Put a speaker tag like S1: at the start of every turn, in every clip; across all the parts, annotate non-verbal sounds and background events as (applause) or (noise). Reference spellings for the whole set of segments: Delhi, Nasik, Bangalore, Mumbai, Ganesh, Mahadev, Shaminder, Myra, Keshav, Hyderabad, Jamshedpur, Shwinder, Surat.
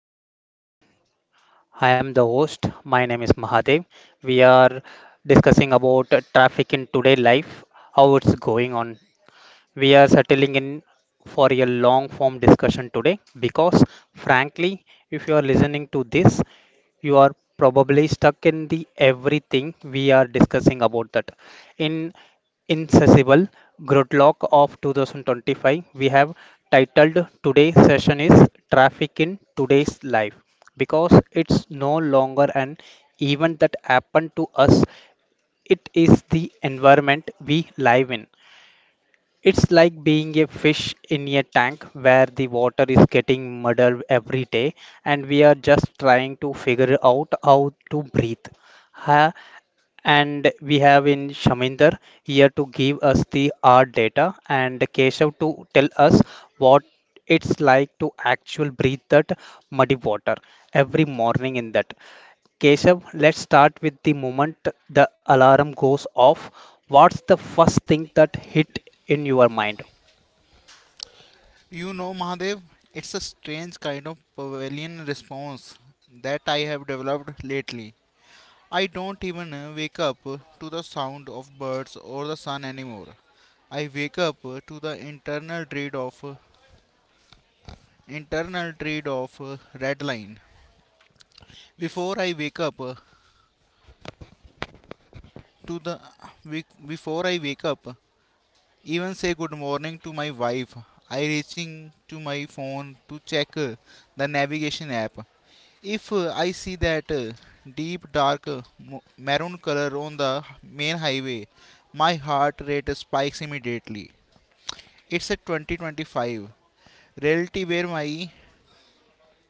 S1: morning, everyone. I am the host. My name is Mahadev. We are discussing about traffic in today life, how it's going on. We are settling in for a long form discussion today because, frankly, if you are listening to this, you are probably stuck in the everything we are discussing about that. In Incessible Gridlock of 2025, we have titled today's session is Traffic in Today's Life because it's no longer an event that happened to us, it is the environment we live in. It's like being a fish in a tank where the water is getting muddied every day and we are just trying to figure out how to breathe. Huh? And we have in Shaminder here to give us the art data and Keshav to tell us what it's like to actually breathe that muddy water every morning in that. Keshav, let's start with the moment the alarm goes off. What's the first thing that hit in your mind?
S2: You know, Mahadev, it's a strange kind of pavilion response that I have developed lately. I don't even wake up to the sound of birds or the sun anymore. I wake up to the internal dread of red line. Before I wake up to the before I wake up, even say good morning to my wife. I reaching to my phone to check the navigation app. If I see that deep dark maroon color on the main highway, my heart rate spikes immediately. It's a 2025 reality where my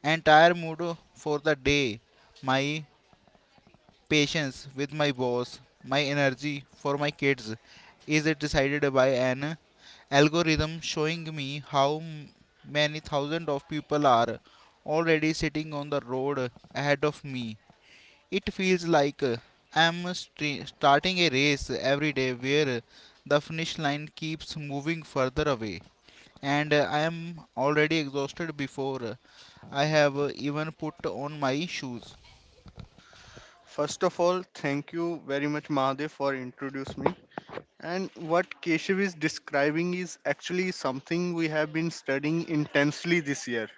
S2: entire mood for the day, my patience with my boss, my energy for my kids is decided by an algorithm showing me how many thousands of people are already sitting on the road ahead of me. It feels like I'm starting a race every day where the finish line keeps moving further away, and I am already exhausted before I have even put on my shoes.
S3: First of all, thank you very much, Mahadev, for introducing me. And what Keshav is describing is actually something we have been studying intensely this year.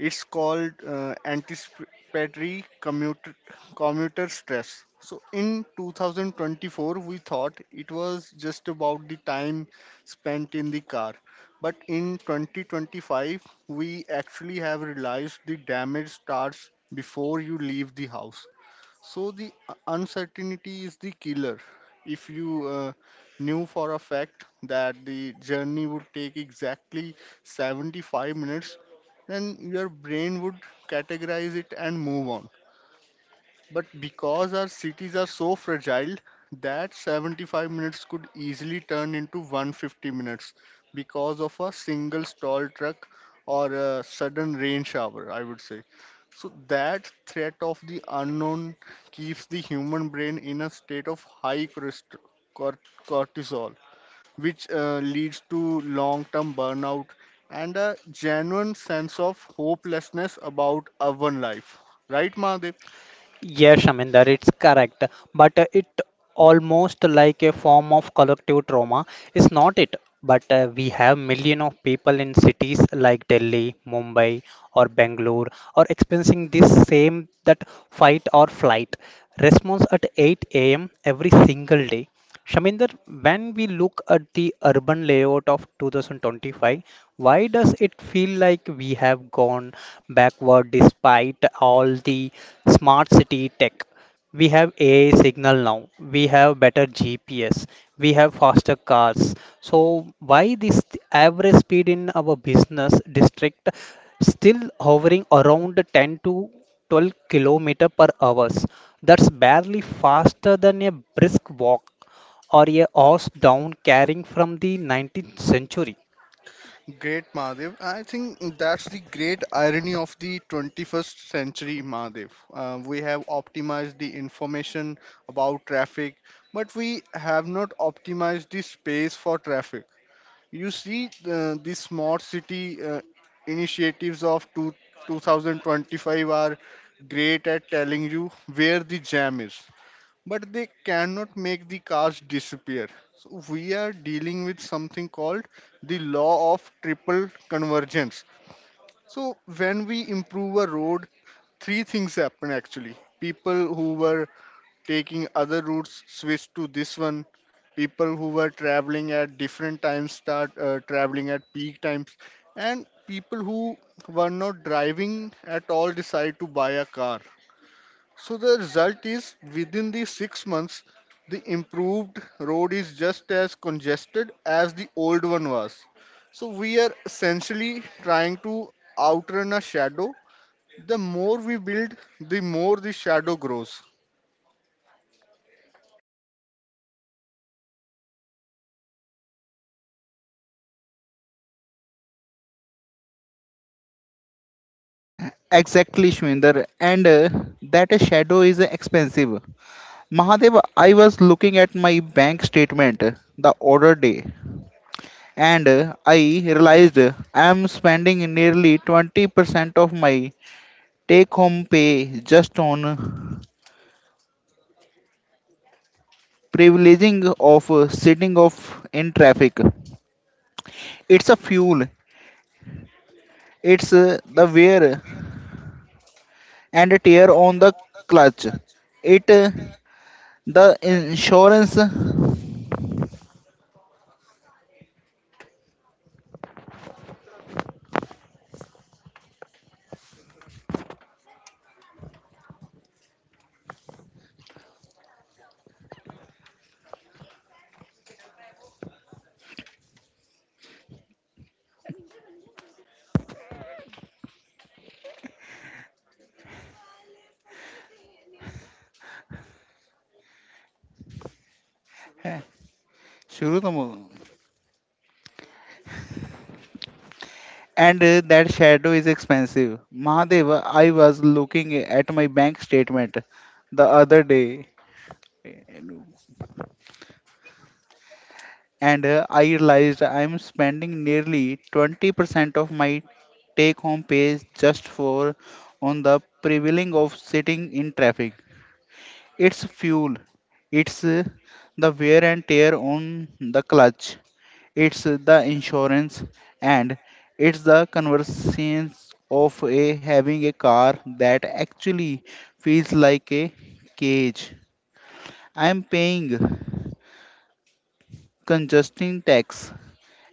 S3: It's called anticipatory commuter stress. So in 2024, we thought it was just about the time spent in the car. But in 2025, we actually have realized the damage starts before you leave the house. So the uncertainty is the killer. If you knew for a fact that the journey would take exactly 75 minutes, then your brain would categorize it and move on. But because our cities are so fragile, that 75 minutes could easily turn into 150 minutes because of a single stall truck or a sudden rain shower, I would say. So that threat of the unknown keeps the human brain in a state of high cort- cortisol, which leads to long-term burnout and a genuine sense of hopelessness about our life. Right, Mahadev?
S1: Yes, Shaminder, it's correct. But it almost like a form of collective trauma. It's not it. But we have million of people in cities like Delhi, Mumbai, or Bangalore, or experiencing this same that fight or flight response at 8 a.m. every single day. Shaminder, when we look at the urban layout of 2025, why does it feel like we have gone backward despite all the smart city tech? We have AI signal now, we have better GPS, we have faster cars. So, why this average speed in our business district still hovering around 10 to 12 kilometer per hours? That's barely faster than a brisk walk or a horse down carrying from the 19th century.
S3: Great, Mahadev. I think that's the great irony of the 21st century, Mahadev. We have optimized the information about traffic, but we have not optimized the space for traffic. You see, the smart city initiatives of 2025 are great at telling you where the jam is, but they cannot make the cars disappear. So we are dealing with something called the law of triple convergence. So when we improve a road, three things happen actually. People who were taking other routes switch to this one. People who were traveling at different times start traveling at peak times, and people who were not driving at all decide to buy a car. So the result is within the 6 months, the improved road is just as congested as the old one was. So we are essentially trying to outrun a shadow. The more we build, the more the shadow grows. Exactly, Shwinder. And that shadow is expensive. Mahadev, I was looking at my bank statement the other day and I realized I am spending nearly 20% of my take home pay just on privileging of sitting off in traffic. It's a fuel, it's the wear and tear on the clutch. It the insurance. है, शुरू तो. And that shadow is expensive. Mahadeva, I was looking at my bank statement the other day and I realized I'm spending nearly 20% of my take home pay just for on the prevailing of sitting in traffic. It's fuel. It's the wear and tear on the clutch. It's the insurance, and it's the convenience of a having a car that actually feels like a cage. I'm paying congestion tax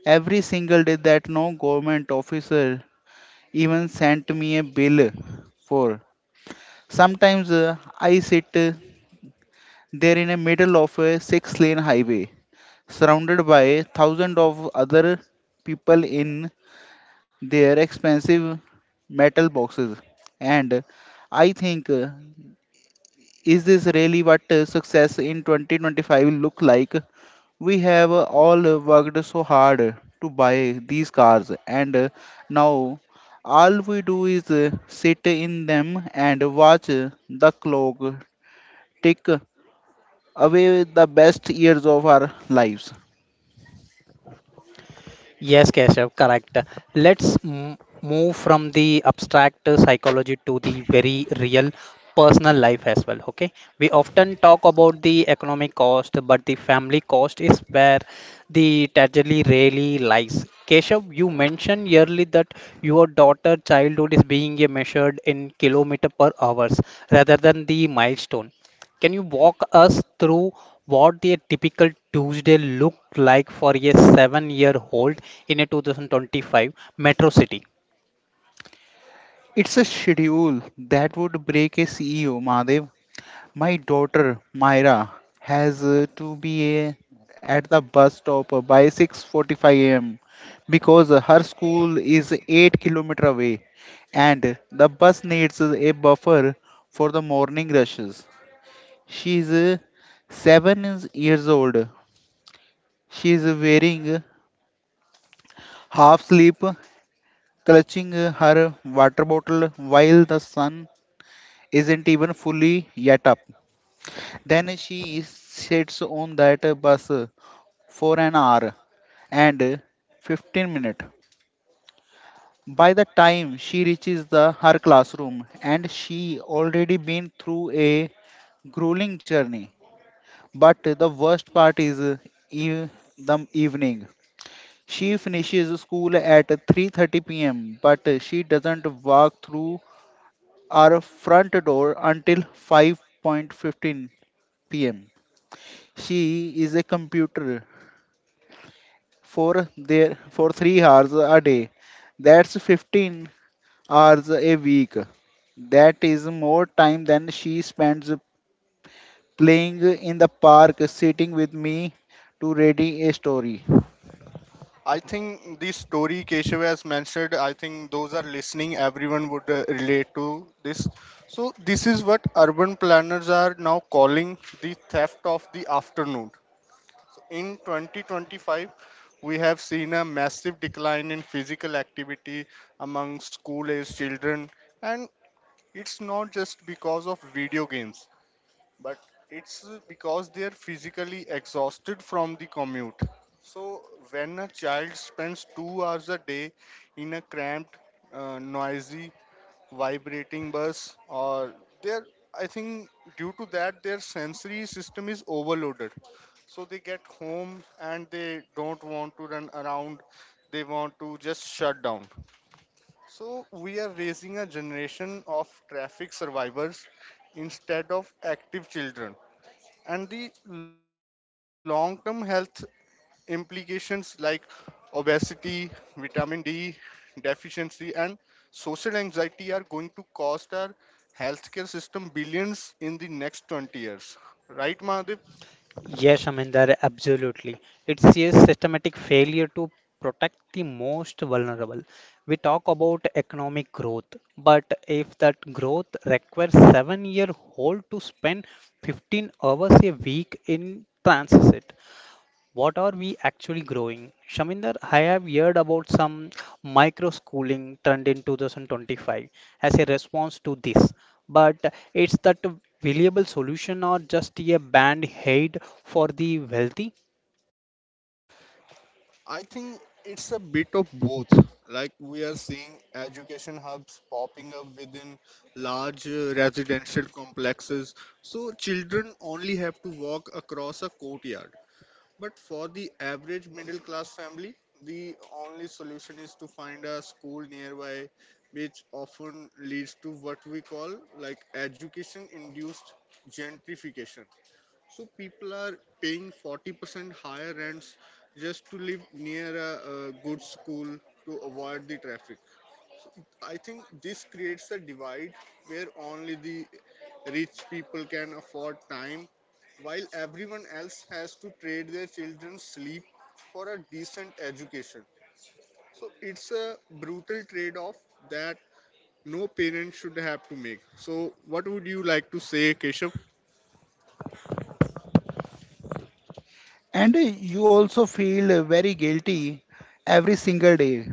S3: every single day that no government officer even sent me a bill for. Sometimes I sit there in the middle of a six-lane highway surrounded by thousands of other people in their expensive metal boxes. And I think, is this really what success in 2025 will look like? We have all worked so hard to buy these cars, and now all we do is sit in them and watch the clock tick away the best years of our lives.
S1: Yes, Keshav, correct. Let's move from the abstract psychology to the very real personal life as well. Okay, we often talk about the economic cost, but the family cost is where the tragedy really lies. Keshav, you mentioned yearly that your daughter childhood is being measured in kilometer per hours rather than the milestone. Can you walk us through what a typical Tuesday looked like for a 7-year old in a 2025 metro city?
S3: It's a schedule that would break a CEO, Madev. My daughter Myra has to be at the bus stop by 6:45 a.m. because her school is 8 kilometer away and the bus needs a buffer for the morning rushes. She is 7 years old. She is wearing half sleep clutching her water bottle while the sun isn't even fully yet up. Then sits on that bus for an hour and 15 minutes. By the time she reaches the her classroom, and she already been through a grueling journey. But the worst part is e- the evening. She finishes school at 3:30 p.m. but she doesn't walk through our front door until 5:15 p.m. She is a computer for 3 hours a day. That's 15 hours a week. That is more time than she spends playing in the park sitting with me to reading a story. I think the story Keshav has mentioned, I think those are listening, everyone would relate to this. So, this is what urban planners are now calling the theft of the afternoon. In 2025, we have seen a massive decline in physical activity among school age children, and it's not just because of video games, but it's because they are physically exhausted from the commute. So when a child spends 2 hours a day in a cramped noisy vibrating bus or their, I think, due to that, their sensory system is overloaded. So they get home and they don't want to run around, they want to just shut down. So we are raising a generation of traffic survivors instead of active children, and the long term health implications like obesity, vitamin D deficiency, and social anxiety are going to cost our healthcare system billions in the next 20 years. Right, Mahadev?
S1: Yes, Aminder, absolutely. It's a systematic failure to protect the most vulnerable. We talk about economic growth, but if that growth requires 7-year old to spend 15 hours a week in transit, what are we actually growing? Shaminder, I have heard about some micro schooling trend in 2025 as a response to this, but it's that a valuable solution or just a band aid for the wealthy?
S3: I think it's a bit of both. Like we are seeing education hubs popping up within large residential complexes, so children only have to walk across a courtyard. But for the average middle class family, the only solution is to find a school nearby, which often leads to what we call like education induced gentrification. So people are paying 40% higher rents just to live near a good school to avoid the traffic. I think this creates a divide where only the rich people can afford time, while everyone else has to trade their children's sleep for a decent education. So it's a brutal trade off that no parent should have to make. So, what would you like to say, Keshav? And you also feel very guilty every single day.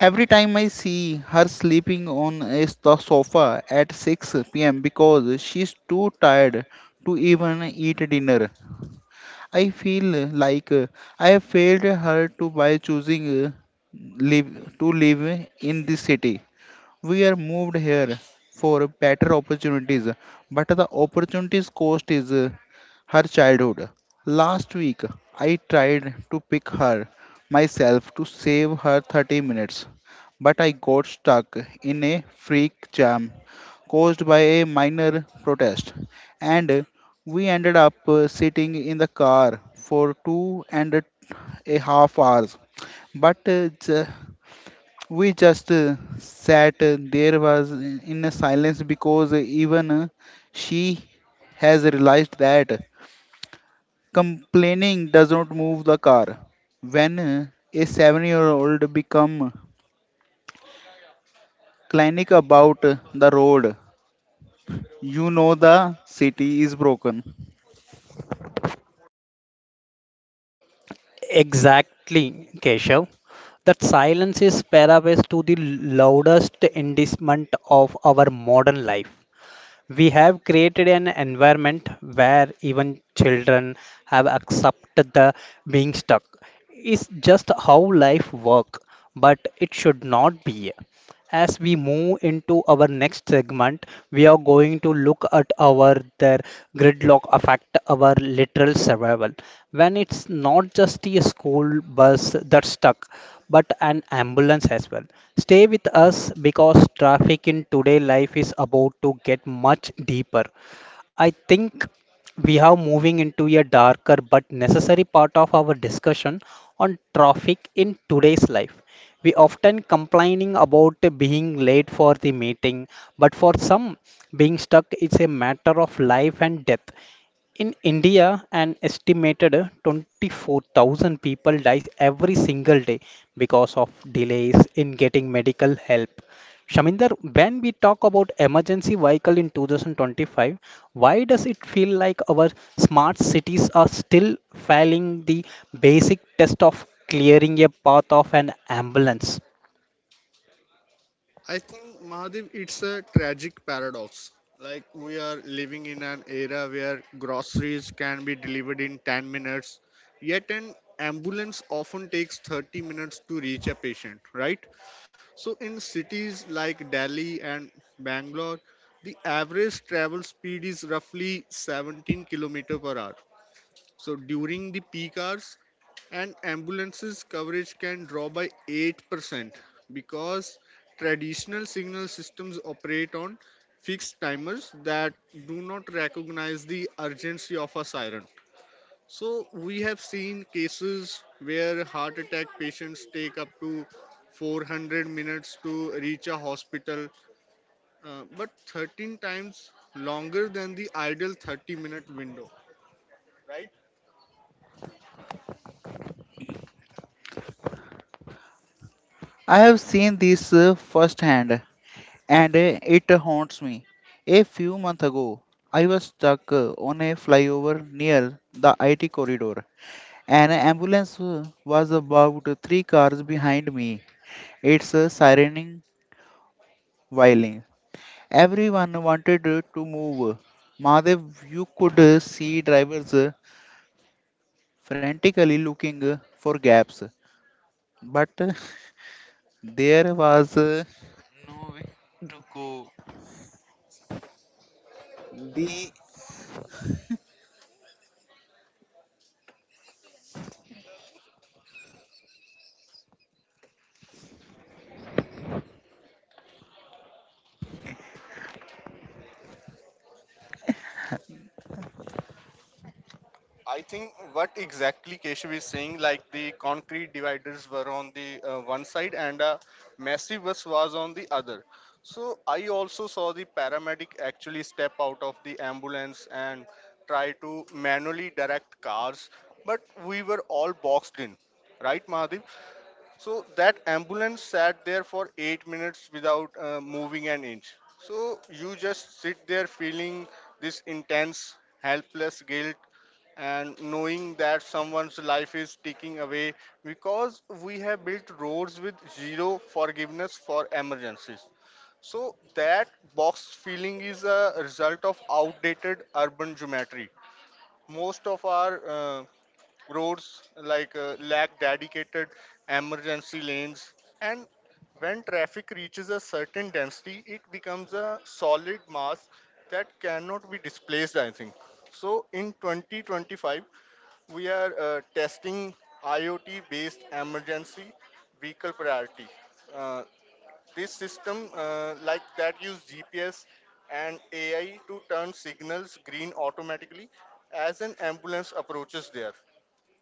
S3: Every time I see her sleeping on a sofa at 6 p.m. because she's too tired to even eat dinner, I feel like I have failed her to by choosing live, to live in this city. We are moved here for better opportunities, but the opportunities cost is her childhood. Last week, I tried to pick her myself to save her 30 minutes, but I got stuck in a freak jam caused by a minor protest, and we ended up sitting in the car for 2.5 hours. But uh, ju- we just sat there was in a silence because even she has realized that complaining does not move the car. When a 7-year old become clinic about the road, you know the city is broken.
S1: Exactly, Keshav. That silence is paraphrase to the loudest indictment of our modern life. We have created an environment where even children have accepted the being stuck. It's just how life works, but it should not be. As we move into our next segment, we are going to look at our their gridlock affect our literal survival. When it's not just a school bus that's stuck, but an ambulance as well. Stay with us because traffic in today life is about to get much deeper. I think we are moving into a darker but necessary part of our discussion on traffic in today's life. We often complaining about being late for the meeting, but for some, being stuck is a matter of life and death. In India, an estimated 24,000 people die every single day because of delays in getting medical help. Shaminder, when we talk about emergency vehicle in 2025, why does it feel like our smart cities are still failing the basic test of clearing a path of an ambulance?
S3: I think, Mahadev, it's a tragic paradox. Like we are living in an era where groceries can be delivered in 10 minutes, yet an ambulance often takes 30 minutes to reach a patient, right? So, in cities like Delhi and Bangalore, the average travel speed is roughly 17 km per hour. So, during the peak hours, an ambulance's coverage can drop by 8% because traditional signal systems operate on fixed timers that do not recognize the urgency of a siren. So, we have seen cases where heart attack patients take up to 400 minutes to reach a hospital, but 13 times longer than the ideal 30-minute window. I have seen this firsthand, and it haunts me. A few months ago, I was stuck on a flyover near the IT corridor. An ambulance was about three cars behind me, its sirening while. Everyone wanted to move. Madev, you could see drivers frantically looking for gaps, but (laughs) there was to go. The I think what exactly Keshav is saying, like the concrete dividers were on the one side and a massive bus was on the other. So I also saw the paramedic actually step out of the ambulance and try to manually direct cars, but we were all boxed in, right, Mahadev? So that ambulance sat there for 8 minutes without moving an inch. So you just sit there feeling this intense helpless guilt and knowing that someone's life is taking away because we have built roads with zero forgiveness for emergencies. So that box feeling is a result of outdated urban geometry. Most of our roads like lack dedicated emergency lanes, and when traffic reaches a certain density it becomes a solid mass that cannot be displaced, I think. So in 2025, we are testing IoT based emergency vehicle priority. Uh, this system, like that, use GPS and AI to turn signals green automatically as an ambulance approaches there.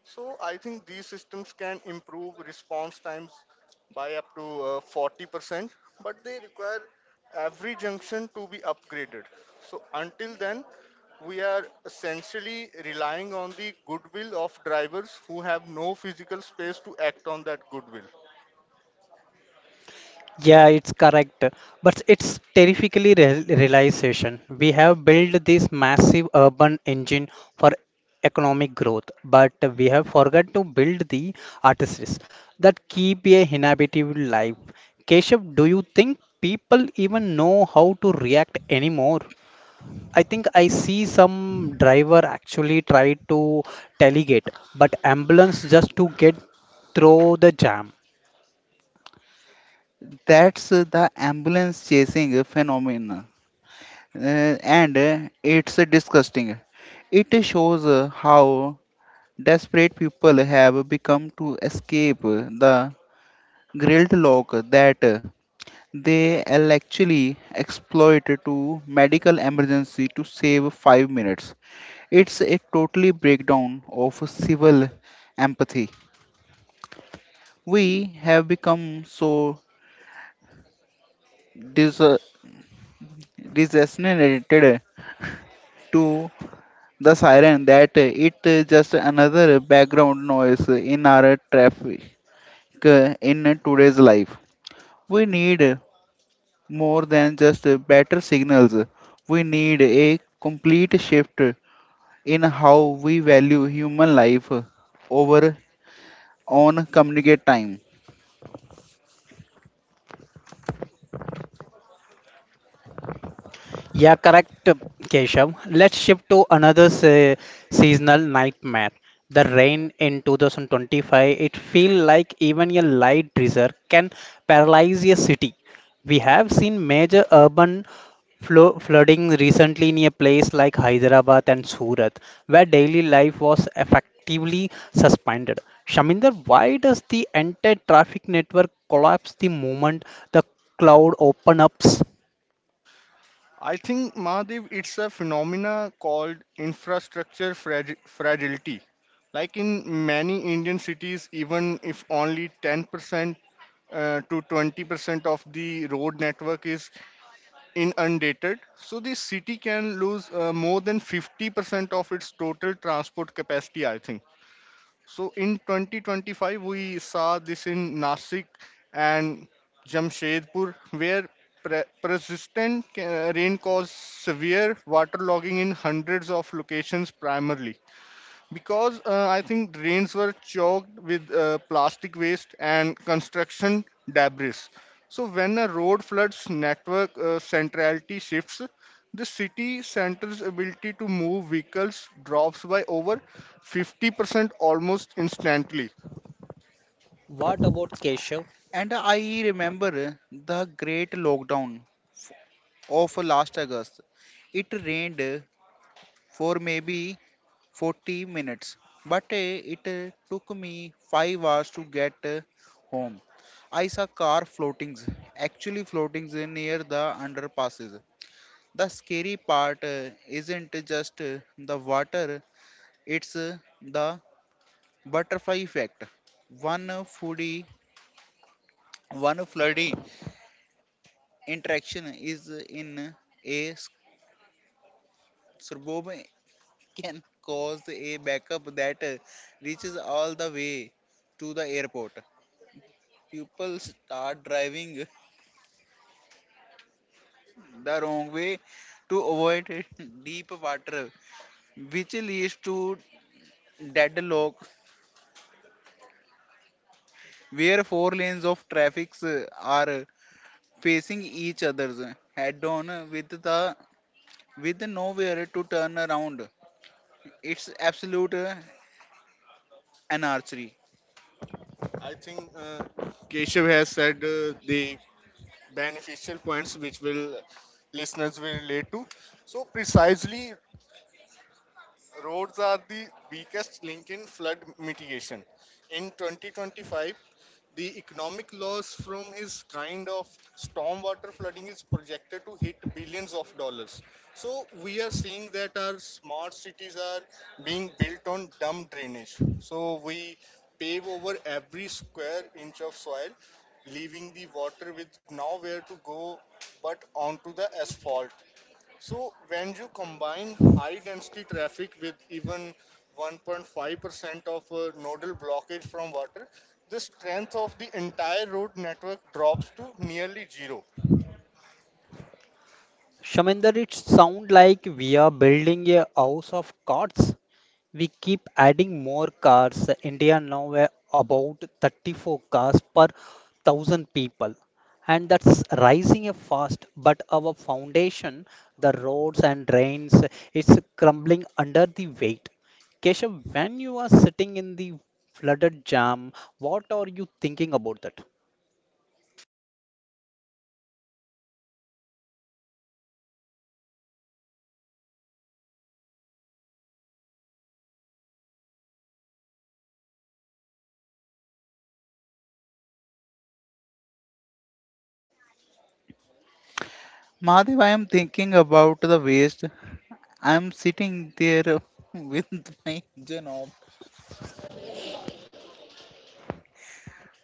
S3: So I think these systems can improve response times by up to 40%, but they require every junction to be upgraded. So until then, we are essentially relying on the goodwill of drivers who have no physical space to act on that goodwill.
S1: Yeah, it's correct. But it's terrifically real realization. We have built this massive urban engine for economic growth, but we have forgot to build the artisans that keep a inhabited life. Keshav, do you think people even know how to react anymore? I think I see some driver actually try to delegate, but ambulance just to get through the jam.
S3: That's the ambulance chasing phenomenon, uh, and it's disgusting. It shows how desperate people have become to escape the grilled lock that actually exploit to medical emergency to save 5 minutes. It's a totally breakdown of civil empathy. We have become so dis- disassociated to the siren that it is just another background noise in our traffic in today's life. We need more than just better signals. We need a complete shift in how we value human life over on communicate time.
S1: Yeah, correct, Keshav. Let's shift to another seasonal nightmare. The rain in 2025, it feels like even a light drizzle can paralyze a city. We have seen major urban flooding recently in a place like Hyderabad and Surat, where daily life was effectively suspended. Shaminder, why does the entire traffic network collapse the moment the cloud opens up?
S3: I think, Mahadev, it's a phenomena called infrastructure fragility. Like in many Indian cities, even if only 10% to 20% of the road network is in undated, so the city can lose more than 50% of its total transport capacity, I think. So in 2025, we saw this in Nasik and Jamshedpur, where persistent rain caused severe waterlogging in hundreds of locations primarily because I think drains were choked with plastic waste and construction debris. So when a road floods, network centrality shifts. The city center's ability to move vehicles drops by over 50% almost instantly.
S1: What about Keshav?
S3: And I remember the great lockdown f- of last August. It rained for maybe 40 minutes, but it took me 5 hours to get home. I saw car floatings, actually floatings near the underpasses. The scary part isn't just the water, it's the butterfly effect. One floodie interaction is in a suburb can cause a backup that reaches all the way to the airport. People start driving the wrong way to avoid (laughs) deep water, which leads to deadlock, where four lanes of traffic are facing each other's head on with nowhere to turn around. It's absolute anarchy. I think Keshav has said the beneficial points which will listeners will relate to. So precisely, roads are the weakest link in flood mitigation. In 2025, the economic loss from his kind of stormwater flooding is projected to hit billions of dollars. So we are seeing that our smart cities are being built on dumb drainage. So we pave over every square inch of soil, leaving the water with nowhere to go but onto the asphalt. So when you combine high density traffic with even 1.5% of nodal blockage from water, the strength of the entire road network drops to nearly zero.
S1: Shaminder, it sounds like we are building a house of cards. We keep adding more cars. India now about 34 cars per thousand people. And that's rising fast, but our foundation, the roads and drains, it's crumbling under the weight. Keshav, when you are sitting in the flooded jam, what are you thinking about that?
S3: Madhav, I am thinking about the waste. I am sitting there (laughs) with my engine off,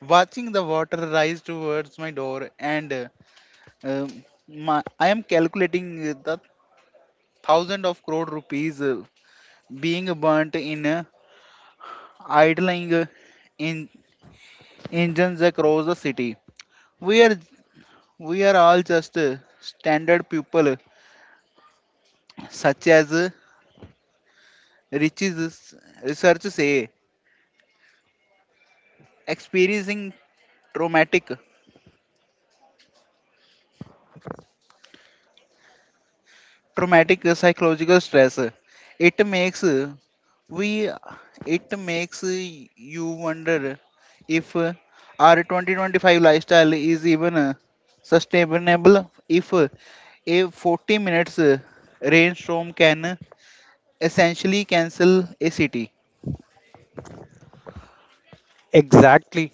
S3: watching the water rise towards my door, and um, I am calculating the thousand of crore rupees being burnt in idling in engines across the city. We are we are all just standard people, such as Rich's research say, experiencing traumatic traumatic psychological stress. It makes uh, we it makes you wonder if our 2025 lifestyle is even sustainable. If a 40 minutes rainstorm can essentially cancel a city.
S1: Exactly,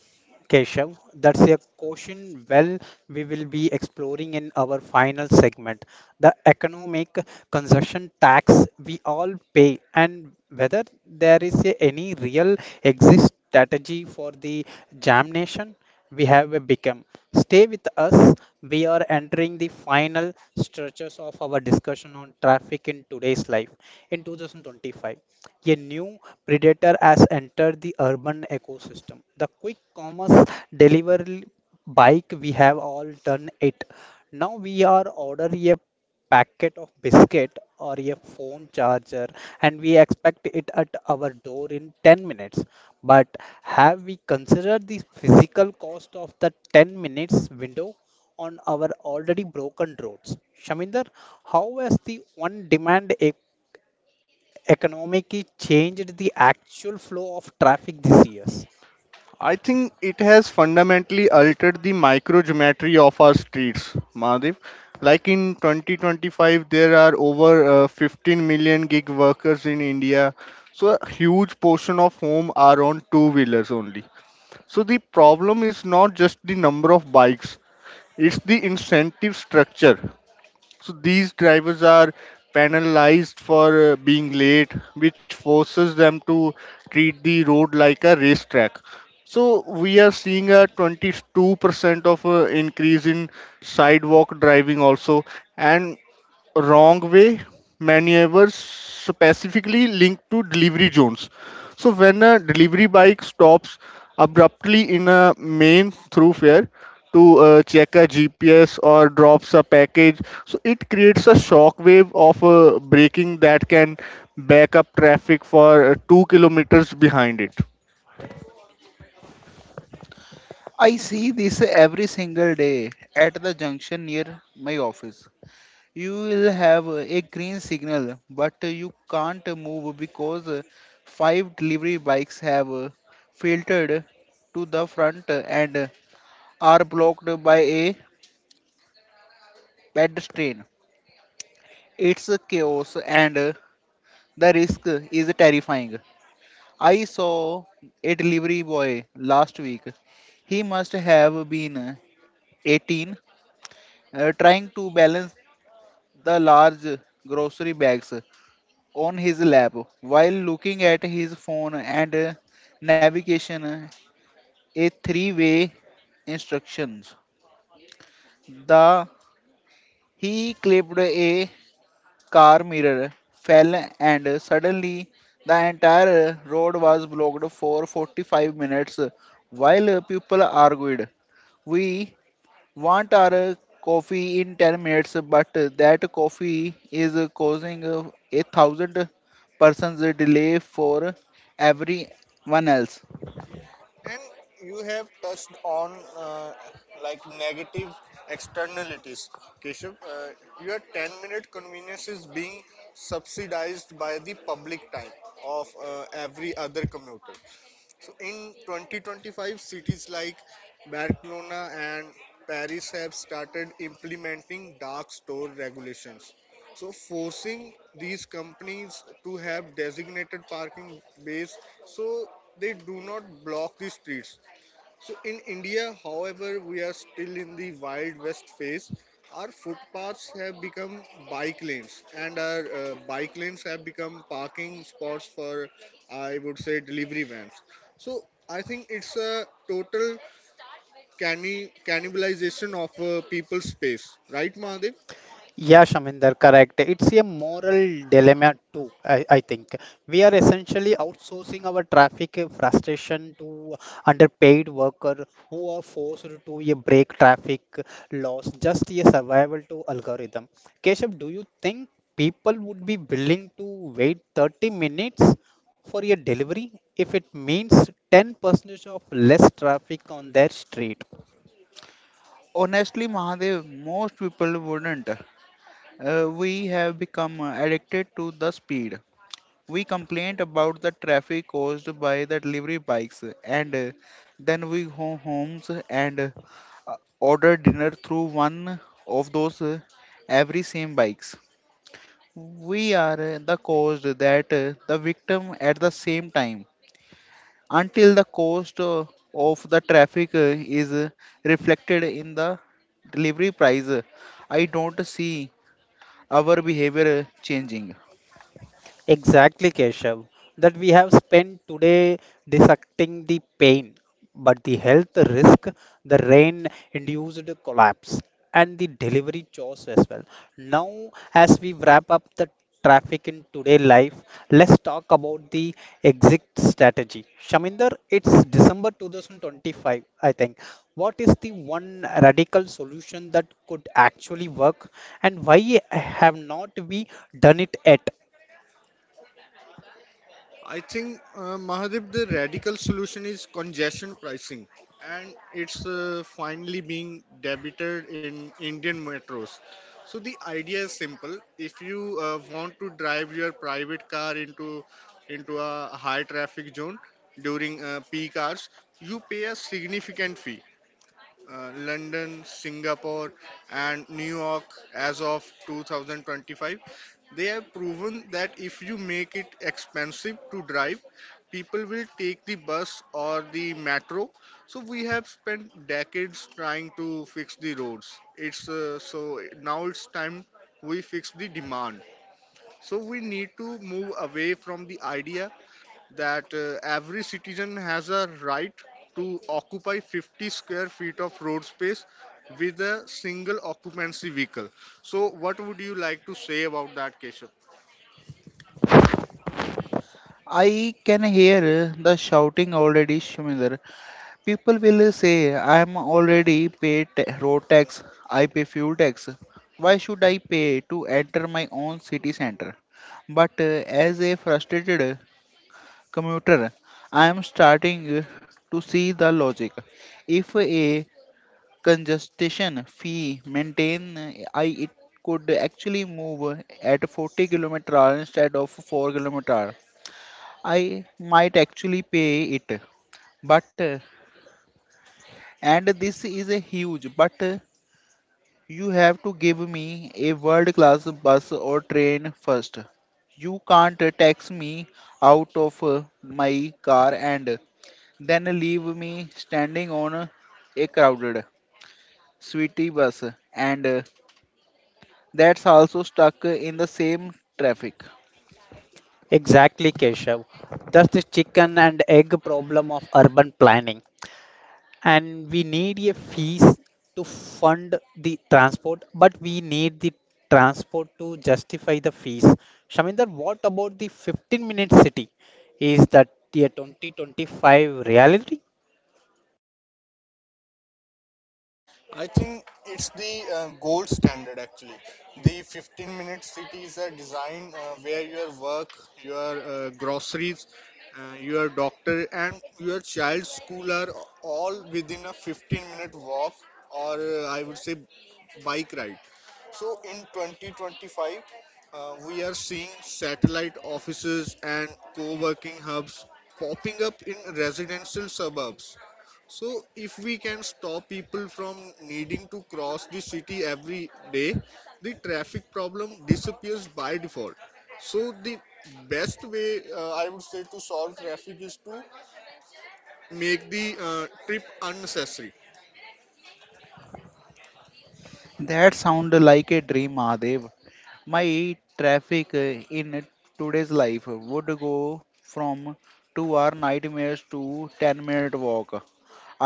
S1: Keshav. That's a question well we will be exploring in our final segment, the economic consumption tax we all pay and whether there is any real exit strategy for the jam nation we have become. Stay with us. We are entering the final stretches of our discussion on traffic in today's life. In 2025, a new predator has entered the urban ecosystem. The quick commerce delivery bike, we have all done it. Now we are order a packet of biscuit or a phone charger and we expect it at our door in 10 minutes, but have we considered the physical cost of the 10 minutes window on our already broken roads? Shaminder, how has the on demand economy changed the actual flow of traffic this year?
S3: I think it has fundamentally altered the microgeometry of our streets, Mahadev. Like in 2025, there are over 15 million gig workers in India. So a huge portion of whom are on two-wheelers only. So the problem is not just the number of bikes, it's the incentive structure. So these drivers are penalized for being late, which forces them to treat the road like a racetrack. So we are seeing a 22% of increase in sidewalk driving also, and wrong way maneuvers specifically linked to delivery zones. So when a delivery bike stops abruptly in a main thoroughfare to check a GPS or drops a package, so it creates a shock wave of braking that can back up traffic for 2 kilometers behind it. I see this every single day at the junction near my office. You will have a green signal, but you can't move because five delivery bikes have filtered to the front and are blocked by a pedestrian. It's a chaos and the risk is terrifying. I saw a delivery boy last week. He must have been 18, trying to balance the large grocery bags on his lap while looking at his phone and navigation a three-way instructions. The he clipped a car mirror fell and suddenly the entire road was blocked for 45 minutes while people argued. We want our coffee in 10 minutes, but that coffee is causing a thousand persons delay for everyone else.
S1: Yeah, Shaminder, correct. It's a moral dilemma too, I think. We are essentially outsourcing our traffic frustration to underpaid workers who are forced to a break traffic laws, just a survival to algorithm. Keshav, do you think people would be willing to wait 30 minutes for a delivery if it means 10% of less traffic on their street?
S3: Honestly, Mahadev, most people wouldn't. We have become addicted to the speed. We complain about the traffic caused by the delivery bikes, and then we go homes and order dinner through one of those every same bikes. We are the cause that the victim at the same time until the cost of the traffic is reflected in the delivery price. I don't see our behavior changing.
S1: Exactly, Keshav. That we have spent today dissecting the pain, but the health risk, the rain induced collapse, and the delivery chores as well. Now, as we wrap up the traffic in today life, let's talk about the exit strategy. Shaminder, it's December 2025, I think. What is the one radical solution that could actually work, and why have not we done it yet?
S3: I can hear the shouting already, Shuminder. People will say, I am already paid road tax, I pay fuel tax. Why should I pay to enter my own city center? But as a frustrated commuter, I am starting to see the logic. If a congestion fee maintain I it could actually move at 40-kilometer hour instead of 4-kilometer hour, I might actually pay it. But and this is a huge but, you have to give me a world class bus or train first. You can't tax me out of my car and then leave me standing on a crowded sweetie bus and that's also stuck in the same traffic.
S1: Exactly, Keshav. That's the chicken and egg problem of urban planning. And we need a fees to fund the transport, but we need the transport to justify the fees. Shaminder, what about the 15-minute city? Is that the 2025 reality?
S3: That sound like a dream, Mahadev. My traffic in today's life would go from 2-hour nightmares to 10 minute walk.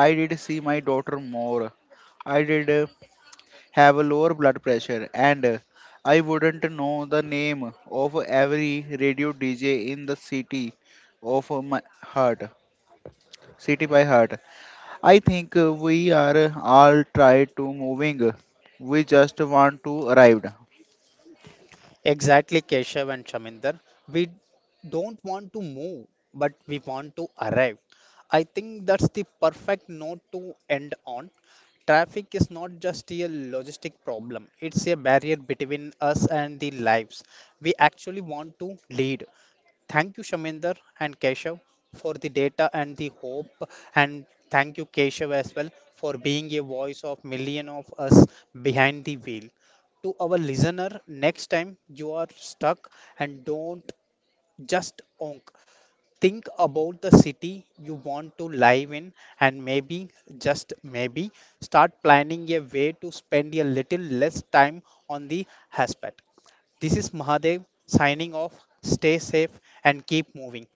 S3: I did see my daughter more. I did have a lower blood pressure, and I wouldn't know the name of every radio DJ in the city of my heart, city by heart. I think we are all tried to moving. We just want to arrive.
S1: Exactly, Keshav and Shaminder. We don't want to move, but we want to arrive. I think that's the perfect note to end on. Traffic is not just a logistic problem, it's a barrier between us and the lives we actually want to lead. Thank you, Shaminder and Keshav, for the data and the hope. And thank you, Keshav, as well, for being a voice of million of us behind the wheel. To our listener, next time you are stuck and don't just onk. Think about the city you want to live in and maybe, just maybe, start planning a way to spend a little less time on the hotspot. This is Mahadev signing off. Stay safe and keep moving.